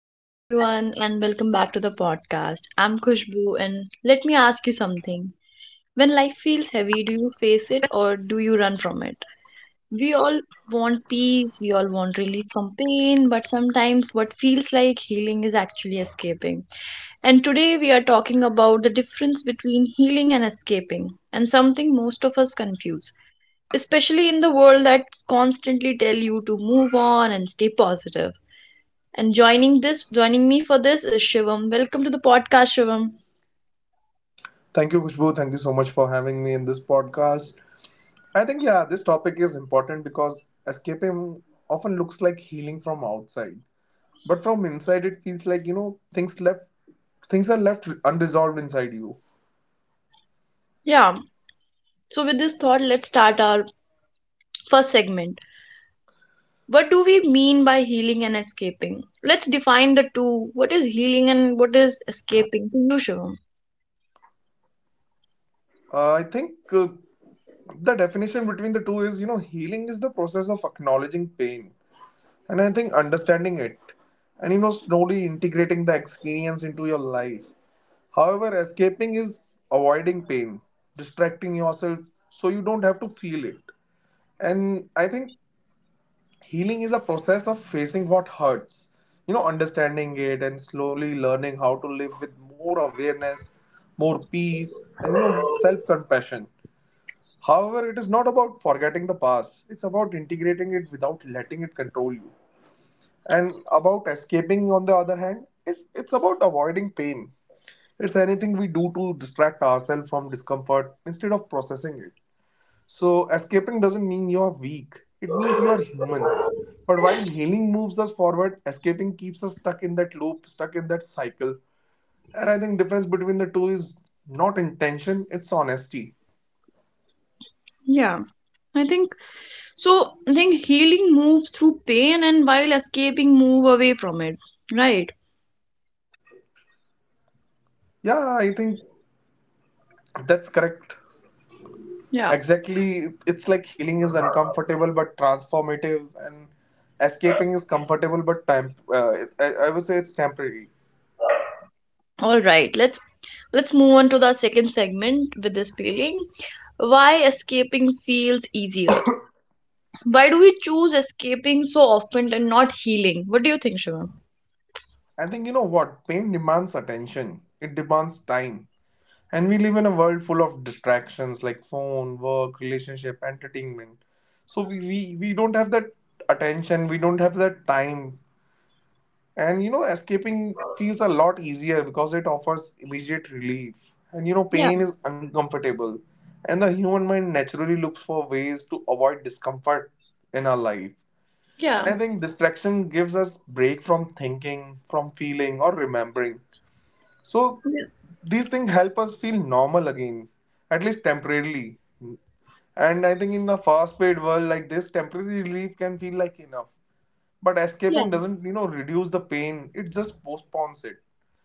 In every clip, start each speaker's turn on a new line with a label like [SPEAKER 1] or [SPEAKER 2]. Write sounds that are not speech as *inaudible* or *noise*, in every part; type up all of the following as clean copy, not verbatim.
[SPEAKER 1] Hello, everyone, and welcome back to the podcast. I'm Kushbu, and let me ask you something. When life feels heavy, do you face it or do you run from it? We all want peace, we all want relief from pain, but sometimes what feels like healing is actually escaping. And today we are talking about the difference between healing and escaping, and something most of us confuse, especially in the world that constantly tell you to move on and stay positive. And joining me for this is Shivam. Welcome to the podcast, Shivam.
[SPEAKER 2] Thank you, Kushbu. Thank you so much for having me in this podcast. I think, yeah, this topic is important because escaping often looks like healing from outside. But from inside, it feels like, things left, things are left unresolved inside you.
[SPEAKER 1] Yeah. So with this thought, let's start our first segment. What do we mean by healing and escaping? Let's define the two. What is healing and what is escaping to you, Shivam?
[SPEAKER 2] I think the definition between the two is, you know, healing is the process of acknowledging pain. And I think understanding it and, you know, slowly integrating the experience into your life. However, escaping is avoiding pain, distracting yourself so you don't have to feel it. And I think healing is a process of facing what hurts, you know, understanding it and slowly learning how to live with more awareness, more peace, and you know, with self compassion. However, it is not about forgetting the past, it's about integrating it without letting it control you. And about escaping, on the other hand, it's about avoiding pain, it's anything we do to distract ourselves from discomfort instead of processing it. So, escaping doesn't mean you're weak, it means you're human. But while healing moves us forward, escaping keeps us stuck in that loop, stuck in that cycle. And I think difference between the two is not intention, it's honesty.
[SPEAKER 1] Yeah. I think so. I think healing moves through pain and while escaping move away from it. Right?
[SPEAKER 2] Yeah, I think that's correct.
[SPEAKER 1] Yeah.
[SPEAKER 2] Exactly. It's like healing is uncomfortable but transformative, and escaping is comfortable but time I would say it's temporary.
[SPEAKER 1] All right. Let's move on to the second segment. With this feeling, why escaping feels easier. Why do we choose escaping so often and not healing? What do you think, Shivam?
[SPEAKER 2] I think you know what? Pain demands attention, it demands time. And we live in a world full of distractions like phone, work, relationship, entertainment. So we don't have that attention, we don't have that time. And you know, escaping feels a lot easier because it offers immediate relief. And you know,
[SPEAKER 1] Yeah,
[SPEAKER 2] pain is uncomfortable. And the human mind naturally looks for ways to avoid discomfort in our life. And
[SPEAKER 1] yeah,
[SPEAKER 2] I think distraction gives us break from thinking, from feeling, or remembering, so these things help us feel normal again, at least temporarily. And I think in a fast-paced world like this, temporary relief can feel like enough. But escaping
[SPEAKER 1] yeah,
[SPEAKER 2] doesn't, you know, reduce the pain. It just postpones it.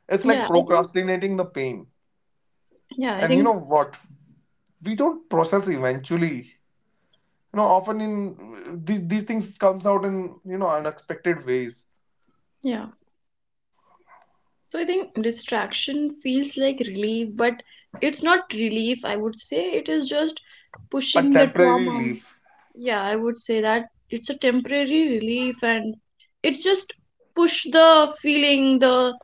[SPEAKER 2] It's
[SPEAKER 1] yeah,
[SPEAKER 2] like
[SPEAKER 1] yeah.
[SPEAKER 2] procrastinating the pain.
[SPEAKER 1] Yeah, I
[SPEAKER 2] And you
[SPEAKER 1] think,
[SPEAKER 2] know what? We don't process eventually. You know, often in these things comes out in you know unexpected ways.
[SPEAKER 1] yeah. So I think distraction feels like relief, but it's not relief. I would say it is just
[SPEAKER 2] A
[SPEAKER 1] pushing the
[SPEAKER 2] temporary
[SPEAKER 1] trauma.
[SPEAKER 2] relief.
[SPEAKER 1] Yeah, I would say that it's a temporary relief, and it's just push the feeling, the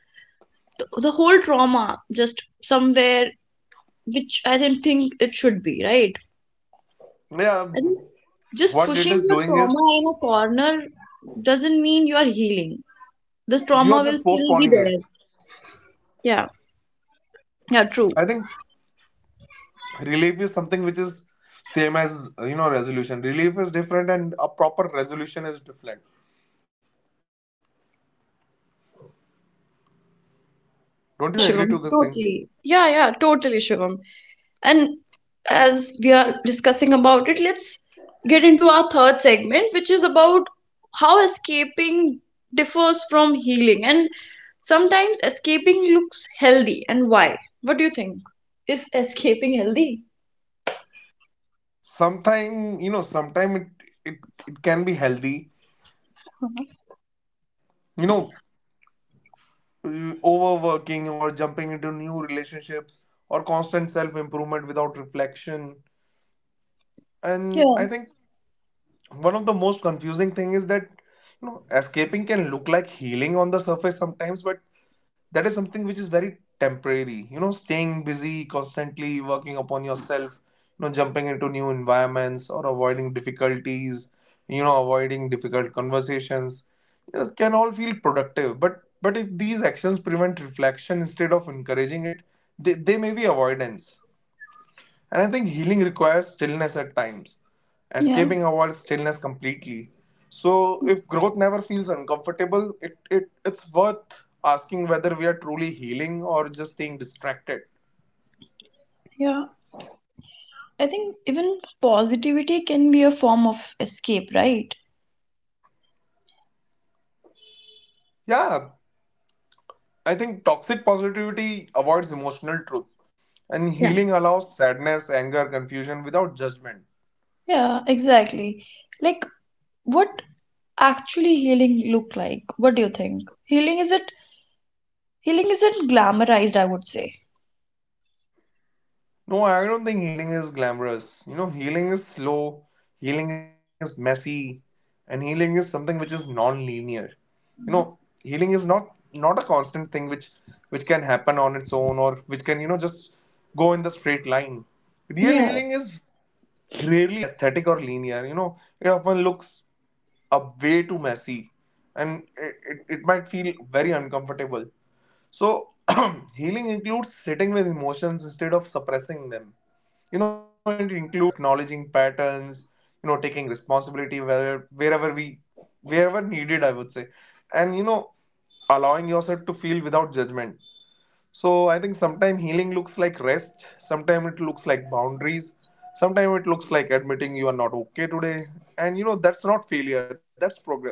[SPEAKER 1] the whole trauma, just somewhere which I didn't think it should be, right?
[SPEAKER 2] Yeah,
[SPEAKER 1] I think just
[SPEAKER 2] what it
[SPEAKER 1] pushing
[SPEAKER 2] is
[SPEAKER 1] your
[SPEAKER 2] doing is
[SPEAKER 1] trauma in a corner doesn't mean you are healing. The
[SPEAKER 2] you're
[SPEAKER 1] trauma will
[SPEAKER 2] just
[SPEAKER 1] still be
[SPEAKER 2] postponing it.
[SPEAKER 1] there. Yeah, yeah, true.
[SPEAKER 2] I think relief is something which is same as you know resolution. Relief is different, and a proper resolution is different. Don't you agree
[SPEAKER 1] Yeah,
[SPEAKER 2] to this
[SPEAKER 1] Shivam,
[SPEAKER 2] thing?
[SPEAKER 1] totally. Yeah, yeah, totally, Shivam. And as we are discussing about it, let's get into our third segment, which is about how escaping differs from healing. And sometimes escaping looks healthy, and why? What do you think? Is escaping healthy?
[SPEAKER 2] Sometime you know, sometime it it can be healthy. You know, overworking or jumping into new relationships or constant self improvement without reflection. And
[SPEAKER 1] Yeah.
[SPEAKER 2] I think one of the most confusing thing is that you know escaping can look like healing on the surface sometimes, but that is something which is very temporary. You know staying busy, constantly working upon yourself, you know jumping into new environments or avoiding difficulties, you know avoiding difficult conversations, you know, can all feel productive, but if these actions prevent reflection instead of encouraging it, they may be avoidance. And I think healing requires stillness at times.
[SPEAKER 1] Yeah,
[SPEAKER 2] Escaping avoids stillness completely. So if growth never feels uncomfortable, it's worth asking whether we are truly healing or just staying distracted.
[SPEAKER 1] yeah. I think even positivity can be a form of escape, right?
[SPEAKER 2] Yeah, I think toxic positivity avoids emotional truth. And
[SPEAKER 1] Yeah.
[SPEAKER 2] healing allows sadness, anger, confusion without judgment.
[SPEAKER 1] Yeah, exactly. Like what actually healing look like? What do you think? Healing is it healing isn't glamorized, I would say.
[SPEAKER 2] No, I don't think healing is glamorous. You know, healing is slow, healing is messy, and healing is something which is non-linear. You know, healing is not a constant thing which can happen on its own or which can, you know, just go in the straight line. Real
[SPEAKER 1] Yeah.
[SPEAKER 2] healing is rarely aesthetic or linear. You know, it often looks a way too messy, and it might feel very uncomfortable. So, *clears throat* healing includes sitting with emotions instead of suppressing them. You know, it includes acknowledging patterns, you know, taking responsibility wherever needed, I would say. And you know, allowing yourself to feel without judgment. So, I think sometimes healing looks like rest, sometimes it looks like boundaries, sometimes it looks like admitting you are not okay today. And you know, that's not failure, that's progress.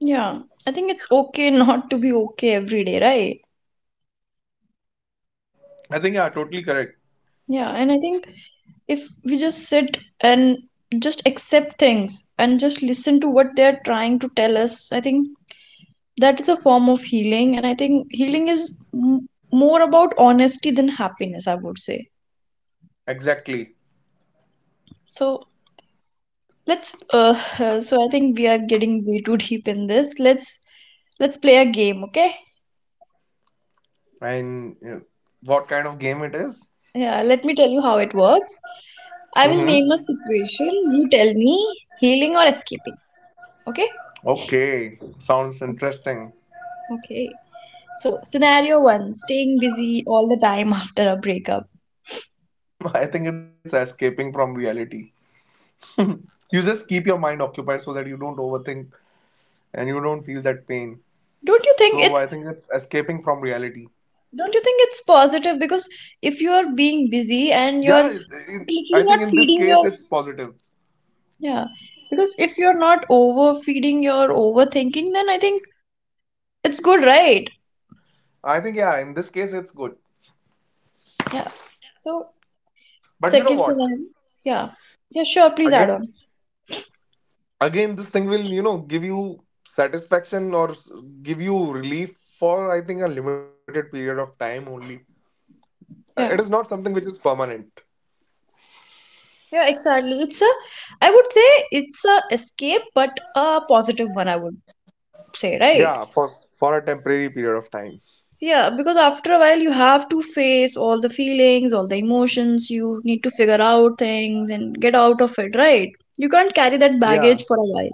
[SPEAKER 1] Yeah, I think it's okay *laughs* not to be okay every day, right?
[SPEAKER 2] I think you are totally correct.
[SPEAKER 1] Yeah, and I think if we just sit and just accept things and just listen to what they're trying to tell us, I think that is a form of healing. And I think healing is more about honesty than happiness, I would say.
[SPEAKER 2] Exactly.
[SPEAKER 1] So let's *laughs* so I think we are getting way too deep in this. Let's play a game, okay?
[SPEAKER 2] And what kind of game it is?
[SPEAKER 1] Yeah, let me tell you how it works. I will
[SPEAKER 2] Mm-hmm.
[SPEAKER 1] name a situation, you tell me healing or escaping, okay?
[SPEAKER 2] Okay, sounds interesting.
[SPEAKER 1] Okay, so scenario 1, staying busy all the time *laughs* after a breakup.
[SPEAKER 2] *laughs* I think it's escaping from reality. You just keep your mind occupied so that you don't overthink and you don't feel that pain.
[SPEAKER 1] don't you think
[SPEAKER 2] So
[SPEAKER 1] it's
[SPEAKER 2] I think it's escaping from reality.
[SPEAKER 1] don't you think it's positive? Because if you are being busy and you're
[SPEAKER 2] Yeah,
[SPEAKER 1] completely
[SPEAKER 2] I
[SPEAKER 1] not
[SPEAKER 2] think in this
[SPEAKER 1] feeding
[SPEAKER 2] case
[SPEAKER 1] your,
[SPEAKER 2] it's positive.
[SPEAKER 1] yeah, because if you're not overfeeding your overthinking, then I think it's good, right?
[SPEAKER 2] I think yeah, in this case it's good.
[SPEAKER 1] Yeah. So
[SPEAKER 2] But you know
[SPEAKER 1] second
[SPEAKER 2] what?
[SPEAKER 1] scenario. Yeah, yeah, sure, please add
[SPEAKER 2] Again,
[SPEAKER 1] on.
[SPEAKER 2] again, this thing will you know give you satisfaction or give you relief for I think a limited period of time only. It is
[SPEAKER 1] Yeah,
[SPEAKER 2] not something which is permanent.
[SPEAKER 1] yeah, exactly, it's a, I would say it's a escape, but a positive one, I would say,
[SPEAKER 2] Yeah,
[SPEAKER 1] right?
[SPEAKER 2] for a temporary period of time.
[SPEAKER 1] Yeah, because after a while you have to face all the feelings, all the emotions, you need to figure out things and get out of it, right? You can't carry that
[SPEAKER 2] Yeah.
[SPEAKER 1] baggage for a while.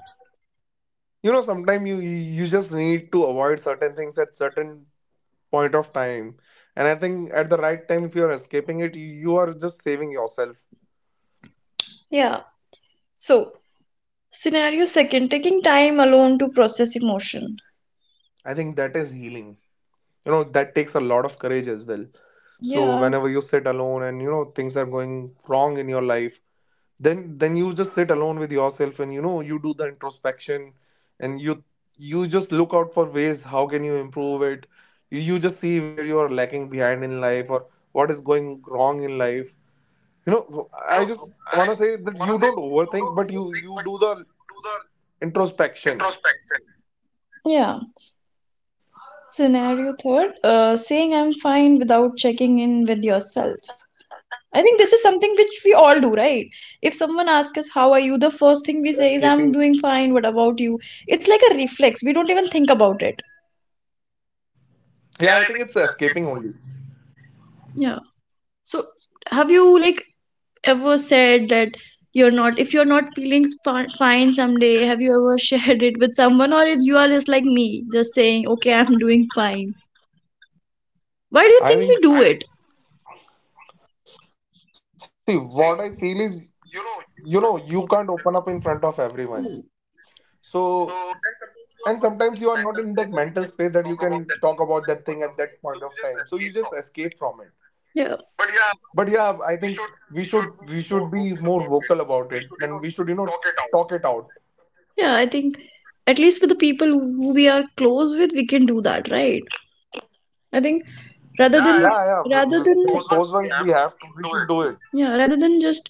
[SPEAKER 2] You know, sometimes you just need to avoid certain things at certain point of time. And I think at the right time, if you're escaping it, you are just saving yourself.
[SPEAKER 1] Yeah. So scenario second, taking time alone to process emotion.
[SPEAKER 2] I think that is healing. You know, that takes a lot of courage as well. So
[SPEAKER 1] Yeah,
[SPEAKER 2] whenever you sit alone and you know things are going wrong in your life, then you just sit alone with yourself, and you know you do the introspection, and you just look out for ways how can you improve it. You just see where you are lacking behind in life, or what is going wrong in life. You know I just want to say that you don't overthink, but you do the introspection.
[SPEAKER 1] yeah. Scenario third, saying I'm fine without checking in with yourself. I think this is something which we all do, right? If someone
[SPEAKER 2] I
[SPEAKER 1] asks
[SPEAKER 2] think
[SPEAKER 1] us, how
[SPEAKER 2] it's
[SPEAKER 1] are you, the
[SPEAKER 2] escaping.
[SPEAKER 1] first thing we say is, I'm doing fine, what about you? It's like a reflex. We don't even think about it.
[SPEAKER 2] Yeah, I think it's escaping only.
[SPEAKER 1] Yeah. So, have you like ever said that you're not if you're not feeling fine someday, have you ever *laughs* shared it with someone, or you are just like me just saying okay, I'm doing fine? Why do you think we do it?
[SPEAKER 2] I think see what I feel is, you know you can't open up in front of
[SPEAKER 1] Hmm.
[SPEAKER 2] everyone. So, and sometimes you are not in that mental space that you can talk about that thing at that point of time, so you just escape from it.
[SPEAKER 1] Yeah,
[SPEAKER 2] But yeah I think we should be more vocal about it, and we should you know talk it out.
[SPEAKER 1] yeah, I think at least with the people who we are close with we can do that, right? I think rather than,
[SPEAKER 2] Yeah
[SPEAKER 1] yeah,
[SPEAKER 2] yeah,
[SPEAKER 1] rather than,
[SPEAKER 2] with the close ones we have to we should do it.
[SPEAKER 1] yeah, rather than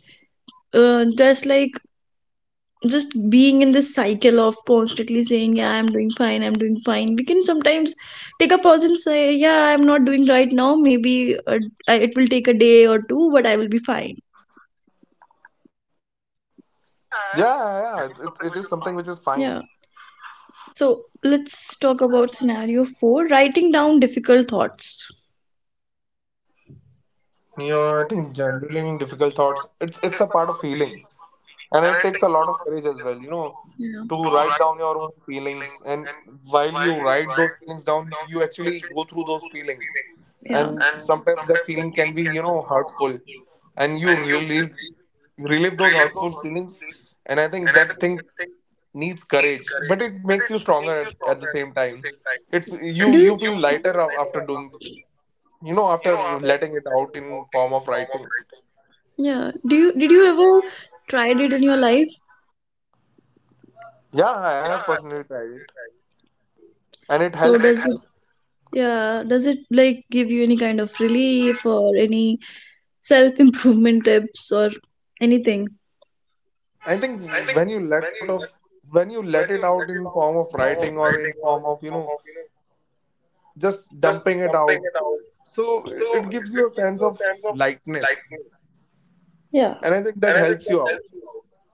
[SPEAKER 1] just like just being in this cycle of constantly saying yeah, I'm doing fine, I'm doing fine, we can sometimes take a pause and say yeah, I'm not doing right now, maybe it will take a day or two but I will be fine.
[SPEAKER 2] Yeah yeah yeah, it is something which is fine.
[SPEAKER 1] Yeah. So let's talk about scenario 4, writing down difficult thoughts.
[SPEAKER 2] You know I think journaling difficult thoughts, it's a part of healing, and it takes a lot of courage as well, you know,
[SPEAKER 1] Yeah,
[SPEAKER 2] to write down your own feelings. And while you write those feelings down, you actually go through those feelings.
[SPEAKER 1] yeah,
[SPEAKER 2] And sometimes that feeling can be you know hurtful, and you really relive those hurtful feelings. And I think that thing needs courage, but it makes you stronger at the same time. It, you
[SPEAKER 1] do
[SPEAKER 2] you
[SPEAKER 1] you,
[SPEAKER 2] feel lighter after doing, you know, after letting it out in form of writing.
[SPEAKER 1] yeah, do you, did you ever tried it in your life?
[SPEAKER 2] Yeah I have personally tried it, and it
[SPEAKER 1] So does
[SPEAKER 2] helps.
[SPEAKER 1] it, yeah, does it like give you any kind of relief or any self improvement *laughs* tips or anything?
[SPEAKER 2] I think when you let out of when you let it out in form of writing, or in form of you know just dumping it out, so it gives you a sense of lightness,
[SPEAKER 1] Yeah,
[SPEAKER 2] and I think that helps you out.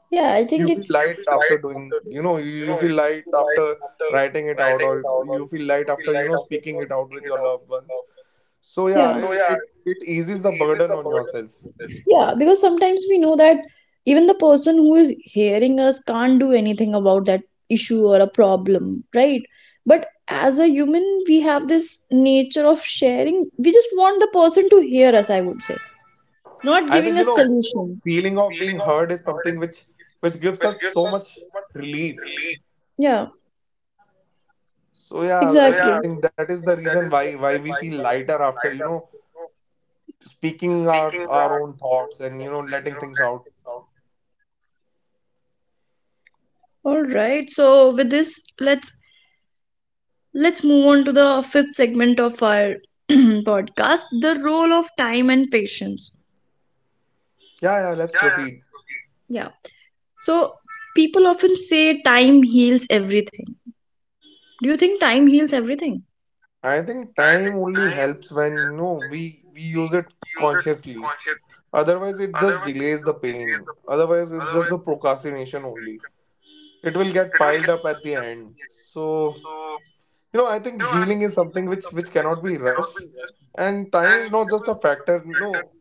[SPEAKER 1] yeah, I think
[SPEAKER 2] You feel
[SPEAKER 1] it's,
[SPEAKER 2] light after doing, you know, you feel light after writing it out, or you feel light after you know speaking it out with your loved ones. So yeah,
[SPEAKER 1] yeah.
[SPEAKER 2] it eases the burden on yourself.
[SPEAKER 1] Yeah, because sometimes we know that even the person who is hearing us can't do anything about that issue or a problem, right? But as a human we have this nature of sharing, we just want the person to hear us, I would say, not
[SPEAKER 2] I
[SPEAKER 1] giving
[SPEAKER 2] think
[SPEAKER 1] a
[SPEAKER 2] you know
[SPEAKER 1] solution.
[SPEAKER 2] feeling of being heard is something which gives us so much relief.
[SPEAKER 1] Yeah, so, yeah,
[SPEAKER 2] So yeah,
[SPEAKER 1] exactly.
[SPEAKER 2] I think that is the reason why we feel lighter after, you know, speaking our own thoughts, and, you know, letting things out.
[SPEAKER 1] All right, so with this, let's let's move on to the fifth segment of our *clears throat* podcast, the role of time and patience.
[SPEAKER 2] Yeah, yeah, let's proceed.
[SPEAKER 1] Yeah. So people often say time heals everything. Do you think time heals everything?
[SPEAKER 2] I think time only helps when, you know, we use it consciously. Otherwise, it just delays the pain. Otherwise, it's just the procrastination only. It will get piled up at the end. So, you know, I think healing is something which cannot be rushed. And time is not just a factor, no,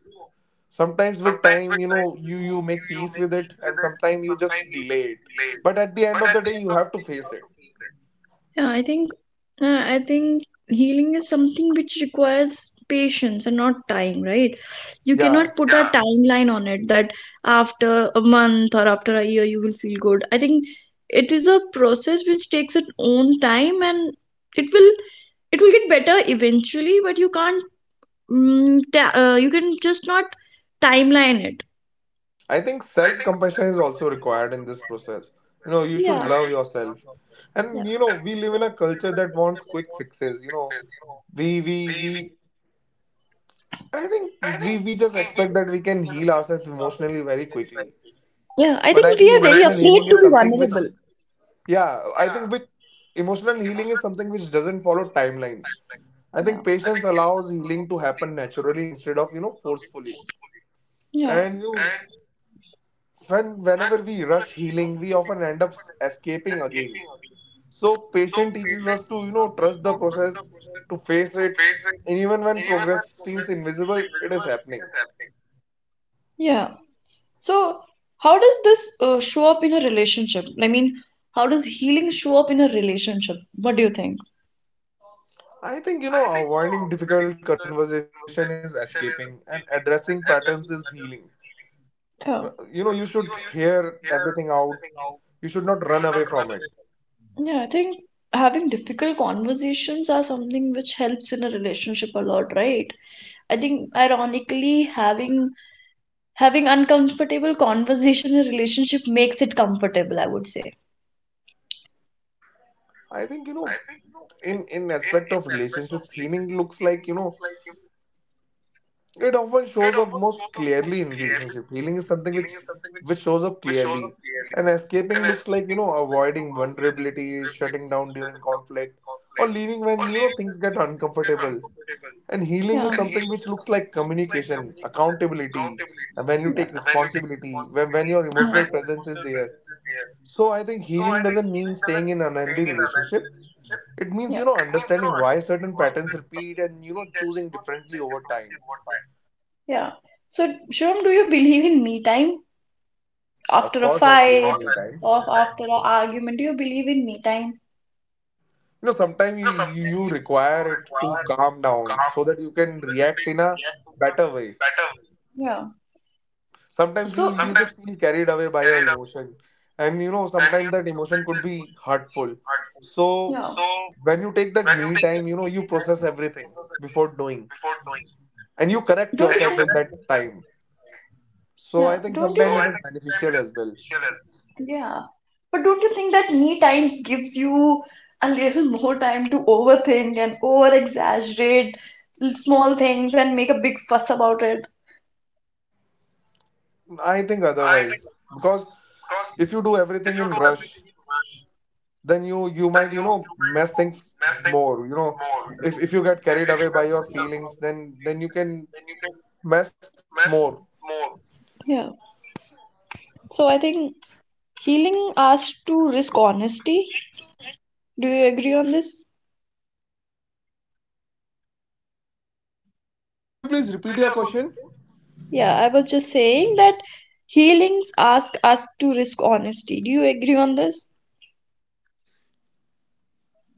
[SPEAKER 2] sometimes with time you know you you make peace with it, and sometimes you just delay it, but at the end of the day you have to face it.
[SPEAKER 1] Yeah, I think, I think healing is something which requires patience and not time, right? You
[SPEAKER 2] Yeah
[SPEAKER 1] cannot put a timeline on it that after a month or after a year you will feel good. I think it is a process which takes its own time and it will it will get better eventually, but you can't, you can just not timeline it.
[SPEAKER 2] I think self compassion is also required in this process. You know you should
[SPEAKER 1] Yeah,
[SPEAKER 2] love yourself,
[SPEAKER 1] yeah,
[SPEAKER 2] and you know we live in a culture that wants quick fixes, you know we I think we just expect that we can heal ourselves emotionally very quickly.
[SPEAKER 1] yeah, I
[SPEAKER 2] But I
[SPEAKER 1] think we
[SPEAKER 2] think
[SPEAKER 1] are very
[SPEAKER 2] emotional
[SPEAKER 1] afraid
[SPEAKER 2] healing
[SPEAKER 1] to
[SPEAKER 2] is
[SPEAKER 1] be
[SPEAKER 2] something which,
[SPEAKER 1] vulnerable.
[SPEAKER 2] yeah, I think with emotional healing is something which doesn't follow timelines. I
[SPEAKER 1] Yeah,
[SPEAKER 2] think patience allows healing to happen naturally instead of you know forcefully.
[SPEAKER 1] yeah,
[SPEAKER 2] And you, when whenever we rush healing, we often end up escaping again. So patience teaches us to you know trust the process, to face it, and even when progress feels invisible, it is happening.
[SPEAKER 1] yeah. So, how does this show up in a relationship? I mean, how does healing show up in a relationship? What do you think?
[SPEAKER 2] I think you know avoiding difficult conversation is escaping, and addressing patterns is healing. Well,
[SPEAKER 1] Yeah,
[SPEAKER 2] you should hear everything out. You should not run away from it.
[SPEAKER 1] yeah. I think having difficult conversations are something which helps in a relationship a lot, right? I think ironically, having having uncomfortable conversation in a relationship makes it comfortable, I would say.
[SPEAKER 2] I think in aspect of relationships healing looks like it often shows up most clearly in relationship. Healing is something which shows up clearly, and escaping looks like avoiding vulnerability, shutting down during conflict, or leaving when things get uncomfortable. And healing
[SPEAKER 1] Yeah.
[SPEAKER 2] is something which looks like communication, accountability, and when you
[SPEAKER 1] Yeah.
[SPEAKER 2] take responsibility, when your emotional presence
[SPEAKER 1] Yeah.
[SPEAKER 2] is there. So I think healing doesn't mean staying in an unhealthy relationship. It means,
[SPEAKER 1] Yeah,
[SPEAKER 2] understanding why certain patterns repeat and, choosing differently over time.
[SPEAKER 1] yeah. So, Shivam, do you believe in me time
[SPEAKER 2] Of
[SPEAKER 1] after a
[SPEAKER 2] course, I believe in
[SPEAKER 1] Of
[SPEAKER 2] me time.
[SPEAKER 1] after an argument? Do you believe in me time?
[SPEAKER 2] You know, sometimes you require it to calm down so that you can react in a better way.
[SPEAKER 1] Yeah.
[SPEAKER 2] Sometimes you,
[SPEAKER 1] So,
[SPEAKER 2] you just feel carried away by your emotion. And, you know, sometimes that emotion could be hurtful. So
[SPEAKER 1] yeah.
[SPEAKER 2] when you take that me time, you know, you process everything before doing, and you correct yourself in that time. So
[SPEAKER 1] Yeah.
[SPEAKER 2] I think
[SPEAKER 1] Don't you So
[SPEAKER 2] sometimes
[SPEAKER 1] I
[SPEAKER 2] it
[SPEAKER 1] think?
[SPEAKER 2] is
[SPEAKER 1] Think time
[SPEAKER 2] beneficial as well.
[SPEAKER 1] is beneficial as well. Yeah. But don't you think that me times gives you a little more time to overthink and over exaggerate small things and make a big fuss about it?
[SPEAKER 2] I think otherwise, because if you do everything in rush, then you might mess things more. You know, if you get carried away by your feelings, then you can mess more.
[SPEAKER 1] Yeah. So I think healing asks to risk honesty. Do you agree on this?
[SPEAKER 2] Could you please repeat your question?
[SPEAKER 1] Yeah, I was just saying that healings ask us to risk honesty. Do you agree on this?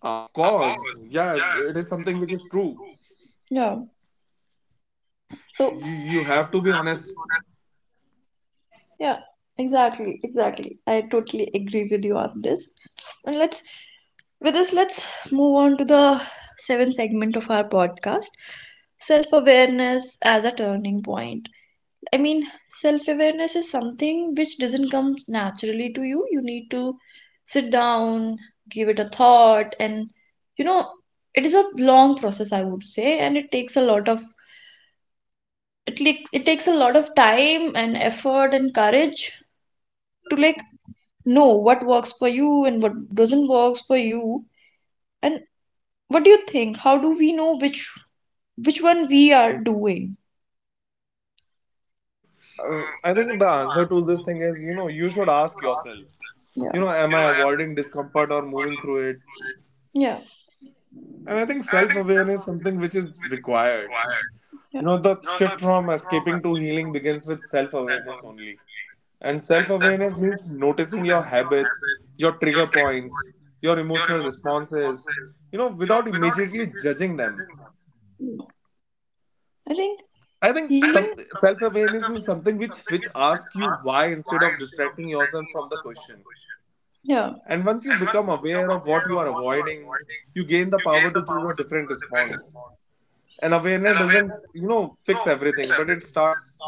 [SPEAKER 2] Of course, yeah, it is something which is true.
[SPEAKER 1] Yeah. So,
[SPEAKER 2] You have to be honest.
[SPEAKER 1] yeah, exactly, exactly. I totally agree with you on this. And let's with this let's move on to the seventh segment of our podcast, self-awareness as a turning point. I mean, self-awareness is something which doesn't come naturally to you. You need to sit down, give it a thought, and you know, it is a long process, I would say, and it takes a lot of it, like, it takes a lot of time and effort and courage to like know what works for you and what doesn't works for you. And what do you think, how do we know which one we are doing?
[SPEAKER 2] we, I think the answer to this thing is, you know, you should ask yourself,
[SPEAKER 1] Yeah,
[SPEAKER 2] you know, am I avoiding discomfort or moving through it?
[SPEAKER 1] yeah,
[SPEAKER 2] And I think self awareness is something which is required.
[SPEAKER 1] yeah,
[SPEAKER 2] You know, the shift from escaping to healing begins with self awareness only. And self awareness means noticing your habits, your trigger points, your emotional responses, you know, without immediately judging them.
[SPEAKER 1] yeah. I think, I
[SPEAKER 2] I think
[SPEAKER 1] healing
[SPEAKER 2] some
[SPEAKER 1] think
[SPEAKER 2] self
[SPEAKER 1] something
[SPEAKER 2] awareness is
[SPEAKER 1] simple
[SPEAKER 2] something which asks you why instead of
[SPEAKER 1] wise.
[SPEAKER 2] distracting yourself from the question.
[SPEAKER 1] yeah,
[SPEAKER 2] And once you become aware of what you are avoiding, you gain the power to choose a different response. And awareness doesn't, you know, fix everything, but it starts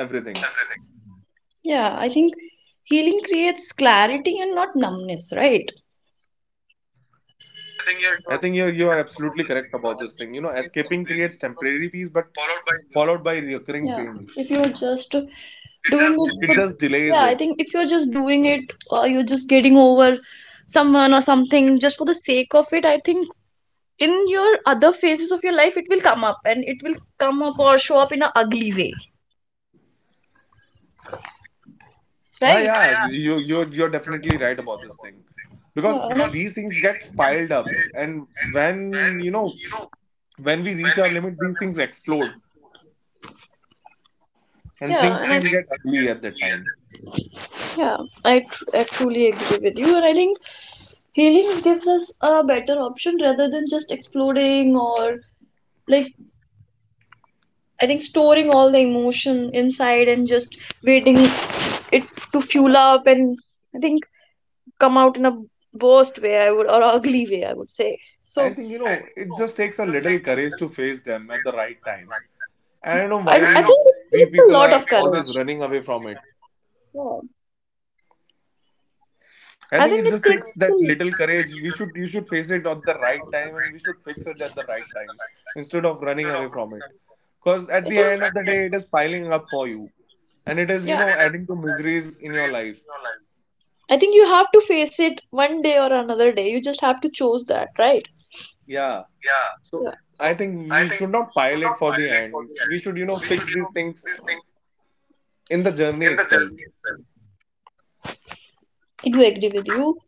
[SPEAKER 2] everything.
[SPEAKER 1] yeah, I think healing creates clarity and not numbness, right?
[SPEAKER 2] I think you are absolutely correct about this thing. You know, escaping creates temporary peace, but followed by recurring pain.
[SPEAKER 1] Yeah. if you're just It
[SPEAKER 2] It just
[SPEAKER 1] doing
[SPEAKER 2] delays it.
[SPEAKER 1] it but yeah, I think if you're just doing it, or you're just getting over someone or something just for the sake of it, I think in your other phases of your life it will come up, and it will come up or show up in an ugly way,
[SPEAKER 2] Ah,
[SPEAKER 1] right?
[SPEAKER 2] yeah, you're definitely right about this thing, because
[SPEAKER 1] yeah and I,
[SPEAKER 2] these things get piled up, and when you know
[SPEAKER 1] things,
[SPEAKER 2] when we reach our limit, these things explode, and
[SPEAKER 1] yeah,
[SPEAKER 2] things
[SPEAKER 1] and I
[SPEAKER 2] can get ugly at that time.
[SPEAKER 1] understand. Yeah, I truly agree with you. And I think healings gives us a better option rather than just exploding. Or, like, I think storing all the emotion inside and just waiting it to fuel up and, I think, come out in a worst way, I would, or ugly way, I would say.
[SPEAKER 2] I
[SPEAKER 1] So
[SPEAKER 2] think it just takes a little courage to face them at the right time. I don't know
[SPEAKER 1] I
[SPEAKER 2] why
[SPEAKER 1] think it
[SPEAKER 2] we
[SPEAKER 1] takes a
[SPEAKER 2] people
[SPEAKER 1] lot
[SPEAKER 2] are
[SPEAKER 1] of
[SPEAKER 2] always
[SPEAKER 1] courage.
[SPEAKER 2] running away from it.
[SPEAKER 1] Yeah,
[SPEAKER 2] I
[SPEAKER 1] I
[SPEAKER 2] think
[SPEAKER 1] think
[SPEAKER 2] it
[SPEAKER 1] it
[SPEAKER 2] just
[SPEAKER 1] takes
[SPEAKER 2] takes
[SPEAKER 1] a,
[SPEAKER 2] that little courage. We should You should face it at the right time, and we should fix it at the right time instead of running away from it. Because at
[SPEAKER 1] I
[SPEAKER 2] the
[SPEAKER 1] think,
[SPEAKER 2] end of the day, it is piling up for you, and it is
[SPEAKER 1] yeah,
[SPEAKER 2] adding to miseries in your life.
[SPEAKER 1] I think you have to face it one day or another day. You just have to choose that, right?
[SPEAKER 2] Yeah. So
[SPEAKER 1] Yeah, I
[SPEAKER 2] I think we should not pile it for the end. We should You know, fix these things in the journey itself.
[SPEAKER 1] do agree with you.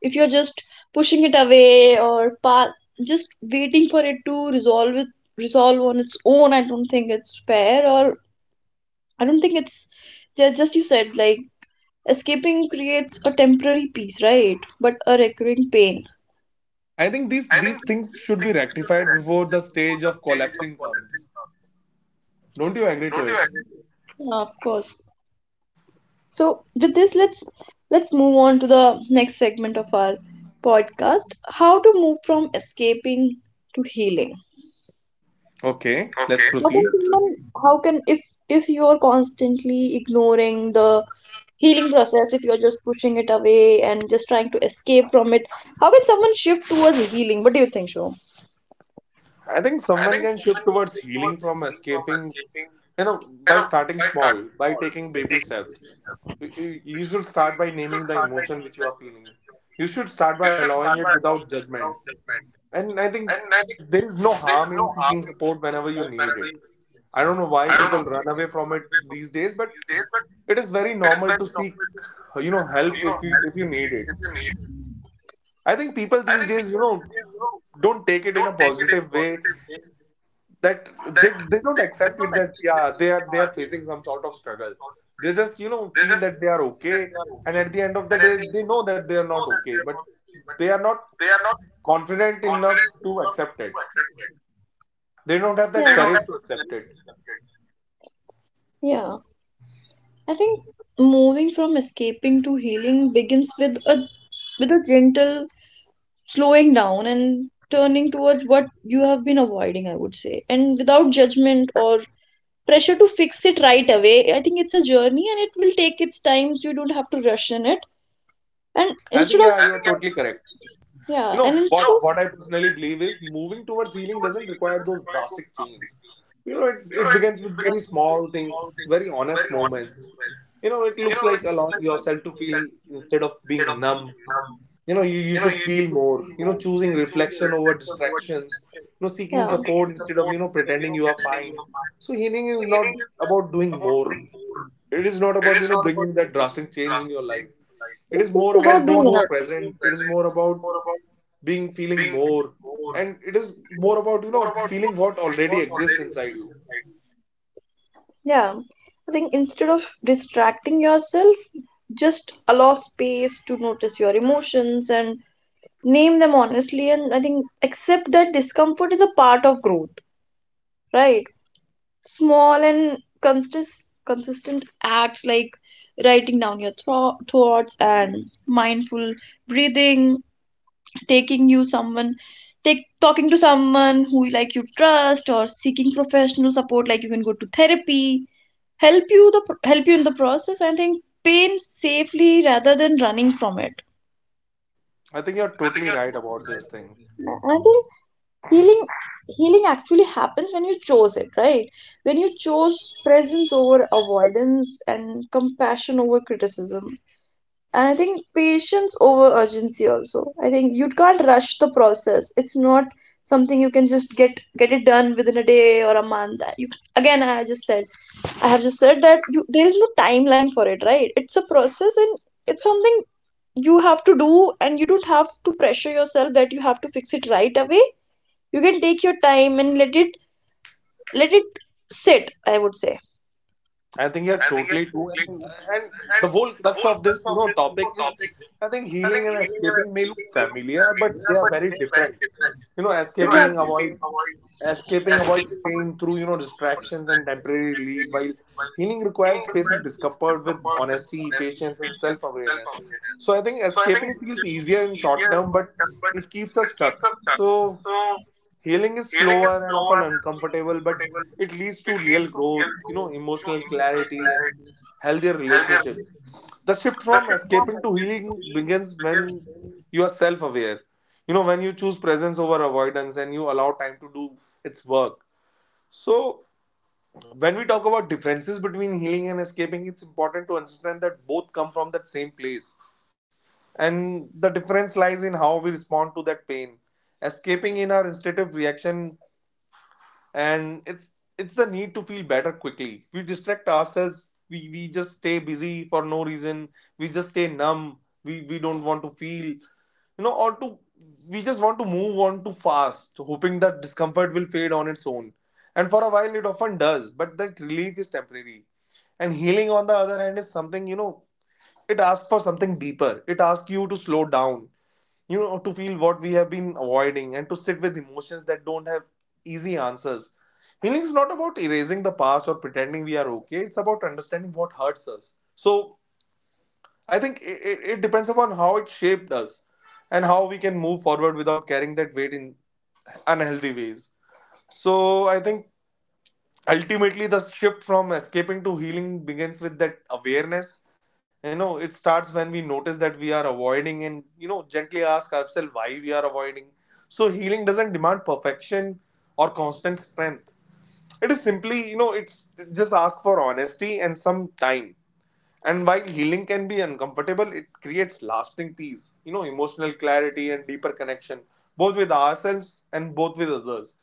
[SPEAKER 1] If you're just pushing it away or just waiting for it to resolve on its own, I don't think it's fair. Or I don't think it's just, you said, like, escaping creates a temporary peace, right? But a recurring pain.
[SPEAKER 2] I think these things should be rectified before the stage of collapsing comes. Don't you agree to it?
[SPEAKER 1] Yeah, of course. So with this, let's move on to the next segment of our podcast: how to move from escaping to healing.
[SPEAKER 2] Okay, let's
[SPEAKER 1] How can
[SPEAKER 2] proceed.
[SPEAKER 1] someone, how can, if you are constantly ignoring the healing process, if you're just pushing it away and just trying to escape from it, how can someone shift towards healing? What do you think, Shom?
[SPEAKER 2] I think someone can shift towards healing from escaping, you know, by starting small, by taking baby steps. You you should start by naming the emotion which you are feeling. You should start by allowing it without judgment. And I think there is no harm in seeking support whenever you need it. I don't know why people run away from it these days, but it is very normal to seek, you know, help if you need it. I think people these days, you know, don't take it in a positive way, that they don't accept it that yeah they are facing some sort of struggle. They just feel that they are okay, and at the end of the day they know that they are not okay, but they are not confident enough to accept it. They don't have
[SPEAKER 1] They,
[SPEAKER 2] that
[SPEAKER 1] yeah,
[SPEAKER 2] courage to accept it.
[SPEAKER 1] yeah, I think moving from escaping to healing begins with a, with a gentle slowing down and turning towards what you have been avoiding, I would say, and without judgment or pressure to fix it right away. I think it's a journey and it will take its times. You don't have to rush in it. And
[SPEAKER 2] I think
[SPEAKER 1] instead of,
[SPEAKER 2] yeah you are totally correct.
[SPEAKER 1] yeah,
[SPEAKER 2] You know
[SPEAKER 1] and instead
[SPEAKER 2] what
[SPEAKER 1] of,
[SPEAKER 2] what I personally believe is moving towards healing doesn't require those drastic changes. You know it begins with very small things, very honest moments. You know it looks like allowing yourself to feel instead of being numb. You know you should feel more, you know, choosing reflection over distractions, you know, seeking
[SPEAKER 1] yeah.
[SPEAKER 2] support instead of, you know, pretending you are fine. So healing is not about doing more. It is not about, you know, bringing that drastic change in your life. It is
[SPEAKER 1] It's
[SPEAKER 2] more
[SPEAKER 1] just
[SPEAKER 2] about
[SPEAKER 1] about
[SPEAKER 2] being
[SPEAKER 1] doing
[SPEAKER 2] more
[SPEAKER 1] enough.
[SPEAKER 2] present. It is more about being feeling more. And it is more about, you know, feeling what already exists inside you.
[SPEAKER 1] Yeah. I think instead of distracting yourself, just allow space to notice your emotions and name them honestly. And I think accept that discomfort is a part of growth, right? Small and consistent acts like writing down your thoughts, and mindful breathing, taking you someone take talking to someone who, like, you trust, or seeking professional support, like you can go to therapy, help you the help you in the process. I think pain safely rather than running from it.
[SPEAKER 2] I think you're totally right about this thing.
[SPEAKER 1] I think healing, healing actually happens when you chose it, right? When you chose presence over avoidance, and compassion over criticism. And I think patience over urgency also. I think you can't rush the process. It's not something you can just get it done within a day or a month. You, again, I just said, I have just said that you, there is no timeline for it, right? It's a process, and it's something you have to do, and you don't have to pressure yourself that you have to fix it right away. You can take your time and let it, let it sit, I would say.
[SPEAKER 2] I think you're totally true. And the whole crux of this, you know, topic is, I think healing and escaping may look familiar, but they are very different. You know, escaping avoid Escaping
[SPEAKER 1] Exactly.
[SPEAKER 2] avoids pain through, you know, distractions and temporary relief, while healing requires facing discomfort with honesty, patience, and self-awareness. So I think escaping feels easier in short term, but it keeps us stuck. So healing is slower and often uncomfortable, but it leads to real growth, you know, emotional clarity and healthier relationships. The shift from escaping to healing begins when you are self aware, you know, when you choose presence over avoidance and you allow time to do its work. So, when we talk about differences between healing and escaping, it's important to understand that both come from that same place. And the difference lies in how we respond to that pain. Escaping in our instinctive reaction, and it's the need to feel better quickly. We distract ourselves, we just stay busy for no reason, we just stay numb. We don't want to feel or to, we just want to move on too fast, hoping that discomfort will fade on its own, and for a while it often does, but that relief is temporary. And healing, on the other hand, is something, you know, it asks for something deeper. It asks you to slow down, you know, to feel what we have been avoiding and to sit with emotions that don't have easy answers. Healing is not about erasing the past or pretending we are okay. It's about understanding what hurts us. So I think it depends upon how it shaped us and how we can move forward without carrying that weight in unhealthy ways. So I think ultimately the shift from escaping to healing begins with that awareness. You know it starts when we notice that we are avoiding, and you know, gently ask ourselves why we are avoiding. So healing doesn't demand perfection or constant strength. It is simply, you know, it's just ask for honesty and some time. And while healing can be uncomfortable, it creates lasting peace, you know, emotional clarity and deeper connection, both with ourselves and both with others.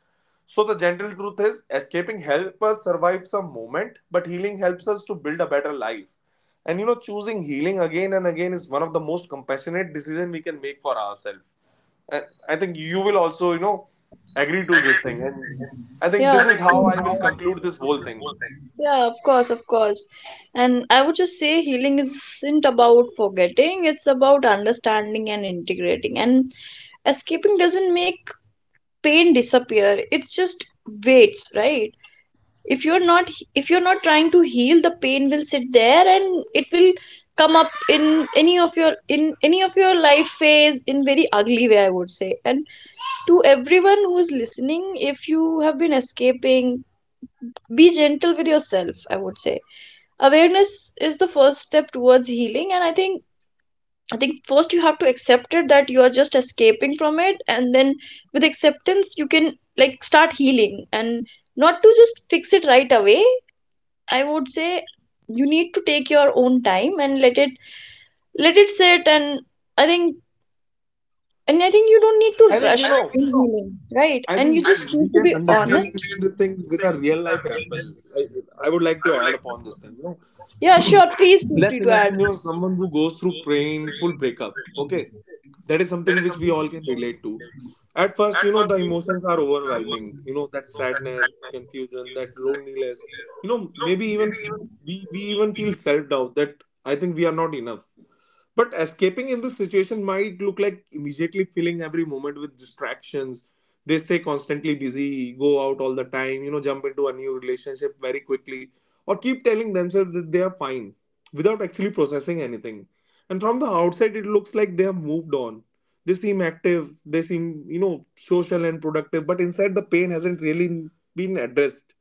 [SPEAKER 2] So, the gentle truth is escaping helps us survive some moment, but healing helps us to build a better life. And you know, choosing healing again and again is one of the most compassionate decisions we can make for ourselves. And I think you will also, you know, agree to this thing. And I think
[SPEAKER 1] Yeah,
[SPEAKER 2] this
[SPEAKER 1] of
[SPEAKER 2] is how
[SPEAKER 1] course.
[SPEAKER 2] I will conclude this whole thing.
[SPEAKER 1] Yeah, of course, of course. And I would just say healing isn't about forgetting, it's about understanding and integrating. And escaping doesn't make pain disappear, it's just waits, right? If you're not, trying to heal, the pain will sit there and it will come up in any of your, life phase in very ugly way, I would say. And to everyone who's listening, if you have been escaping, be gentle with yourself, I would say. Awareness is the first step towards healing. And I think, first you have to accept it that you are just escaping from it, and then with acceptance you can, like, start healing. And not to just fix it right away, I would say. You need to take your own time and let it, sit. And I think, and I think you don't need to
[SPEAKER 2] I
[SPEAKER 1] rush
[SPEAKER 2] think, you know,
[SPEAKER 1] in healing, right?
[SPEAKER 2] I
[SPEAKER 1] And you
[SPEAKER 2] think
[SPEAKER 1] just
[SPEAKER 2] we
[SPEAKER 1] need to
[SPEAKER 2] can
[SPEAKER 1] be
[SPEAKER 2] understand
[SPEAKER 1] honest.
[SPEAKER 2] this thing with a real life example. I would like to add upon this thing. You know,
[SPEAKER 1] Yeah, sure, please
[SPEAKER 2] let's
[SPEAKER 1] feel free to
[SPEAKER 2] imagine, you
[SPEAKER 1] add.
[SPEAKER 2] know, someone who goes through painful breakup. Okay, that is something which we all can relate to. At first, you know, the emotions are overwhelming. You know, that sadness, that confusion, that loneliness. You know, maybe even we even feel self doubt that I think we are not enough. But escaping in this situation might look like immediately filling every moment with distractions. They stay constantly busy, go out all the time, you know, jump into a new relationship very quickly, or keep telling themselves that they are fine without actually processing anything. And from the outside, it looks like they have moved on. They seem active, they seem, you know, social and productive, but inside the pain hasn't really been addressed.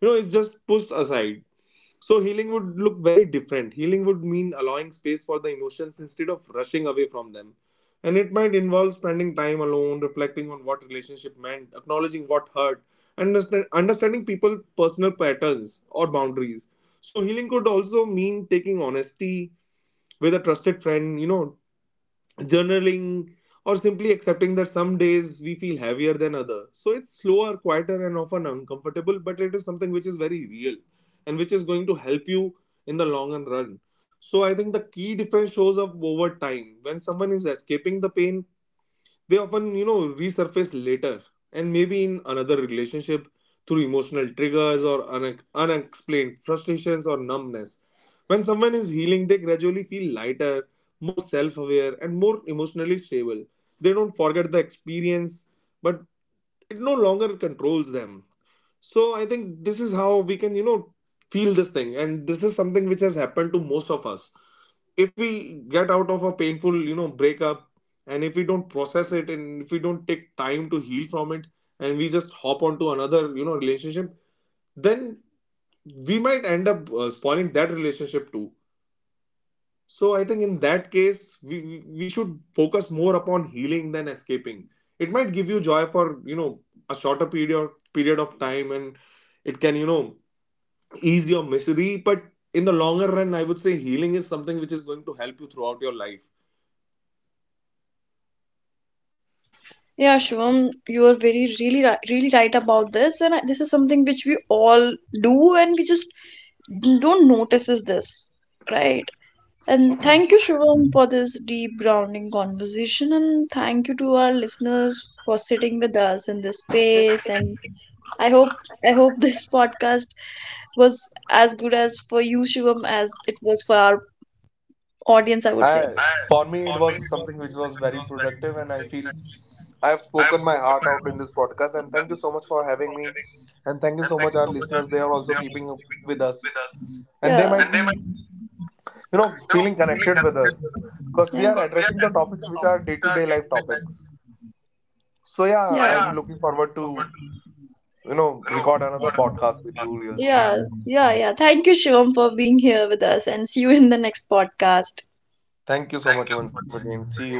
[SPEAKER 2] You know, it's just pushed aside. So healing would look very different. Healing would mean allowing space for the emotions instead of rushing away from them. And it might involve spending time alone, reflecting on what relationship meant, acknowledging what hurt, understanding people's personal patterns or boundaries. So healing could also mean taking honesty with a trusted friend, you know, journaling, or simply accepting that some days we feel heavier than others. So it's slower, quieter, and often uncomfortable, but it is something which is very real and which is going to help you in the long and run. So I think the key difference shows up over time. When someone is escaping the pain, they often, you know, resurface later, and maybe in another relationship, through emotional triggers or unexplained frustrations or numbness. When someone is healing, they gradually feel lighter, more self-aware, and more emotionally stable. They don't forget the experience, but it no longer controls them. So I think this is how we can, you know, feel this thing, and this is something which has happened to most of us. If we get out of a painful, you know, breakup, and if we don't process it, and if we don't take time to heal from it, and we just hop onto another, you know, relationship, then we might end up spoiling that relationship too. So I think in that case, we we should focus more upon healing than escaping. It might give you joy for, you know, a shorter period of time, and it can, you know, ease your misery. But in the longer run, I would say healing is something which is going to help you throughout your life.
[SPEAKER 1] Yeah, Shivam, you are very really really right about this, and I, this is something which we all do, and we just don't notice is this, right? And thank you, Shivam, for this deep grounding conversation. And thank you to our listeners for sitting with us in this space. And I hope, this *laughs* podcast was as good as for you, Shivam, as it was for our audience, I would say.
[SPEAKER 2] I, for me, it was something which was very productive, and I feel I have spoken my heart out in this podcast. And thank you so much for having me, and thank you so much our listeners. They are also keeping up with us, and they
[SPEAKER 1] Yeah.
[SPEAKER 2] might be, you know, feeling connected with us, because we
[SPEAKER 1] Yeah.
[SPEAKER 2] are addressing the topics which are day to day life topics. So yeah,
[SPEAKER 1] So
[SPEAKER 2] I'm
[SPEAKER 1] yeah.
[SPEAKER 2] looking forward to, you know, record another podcast with you real soon.
[SPEAKER 1] Yeah. Yeah. Yeah. Thank you, Shivam, for being here with us, and see you in the next podcast.
[SPEAKER 2] Thank you so much once again. See you.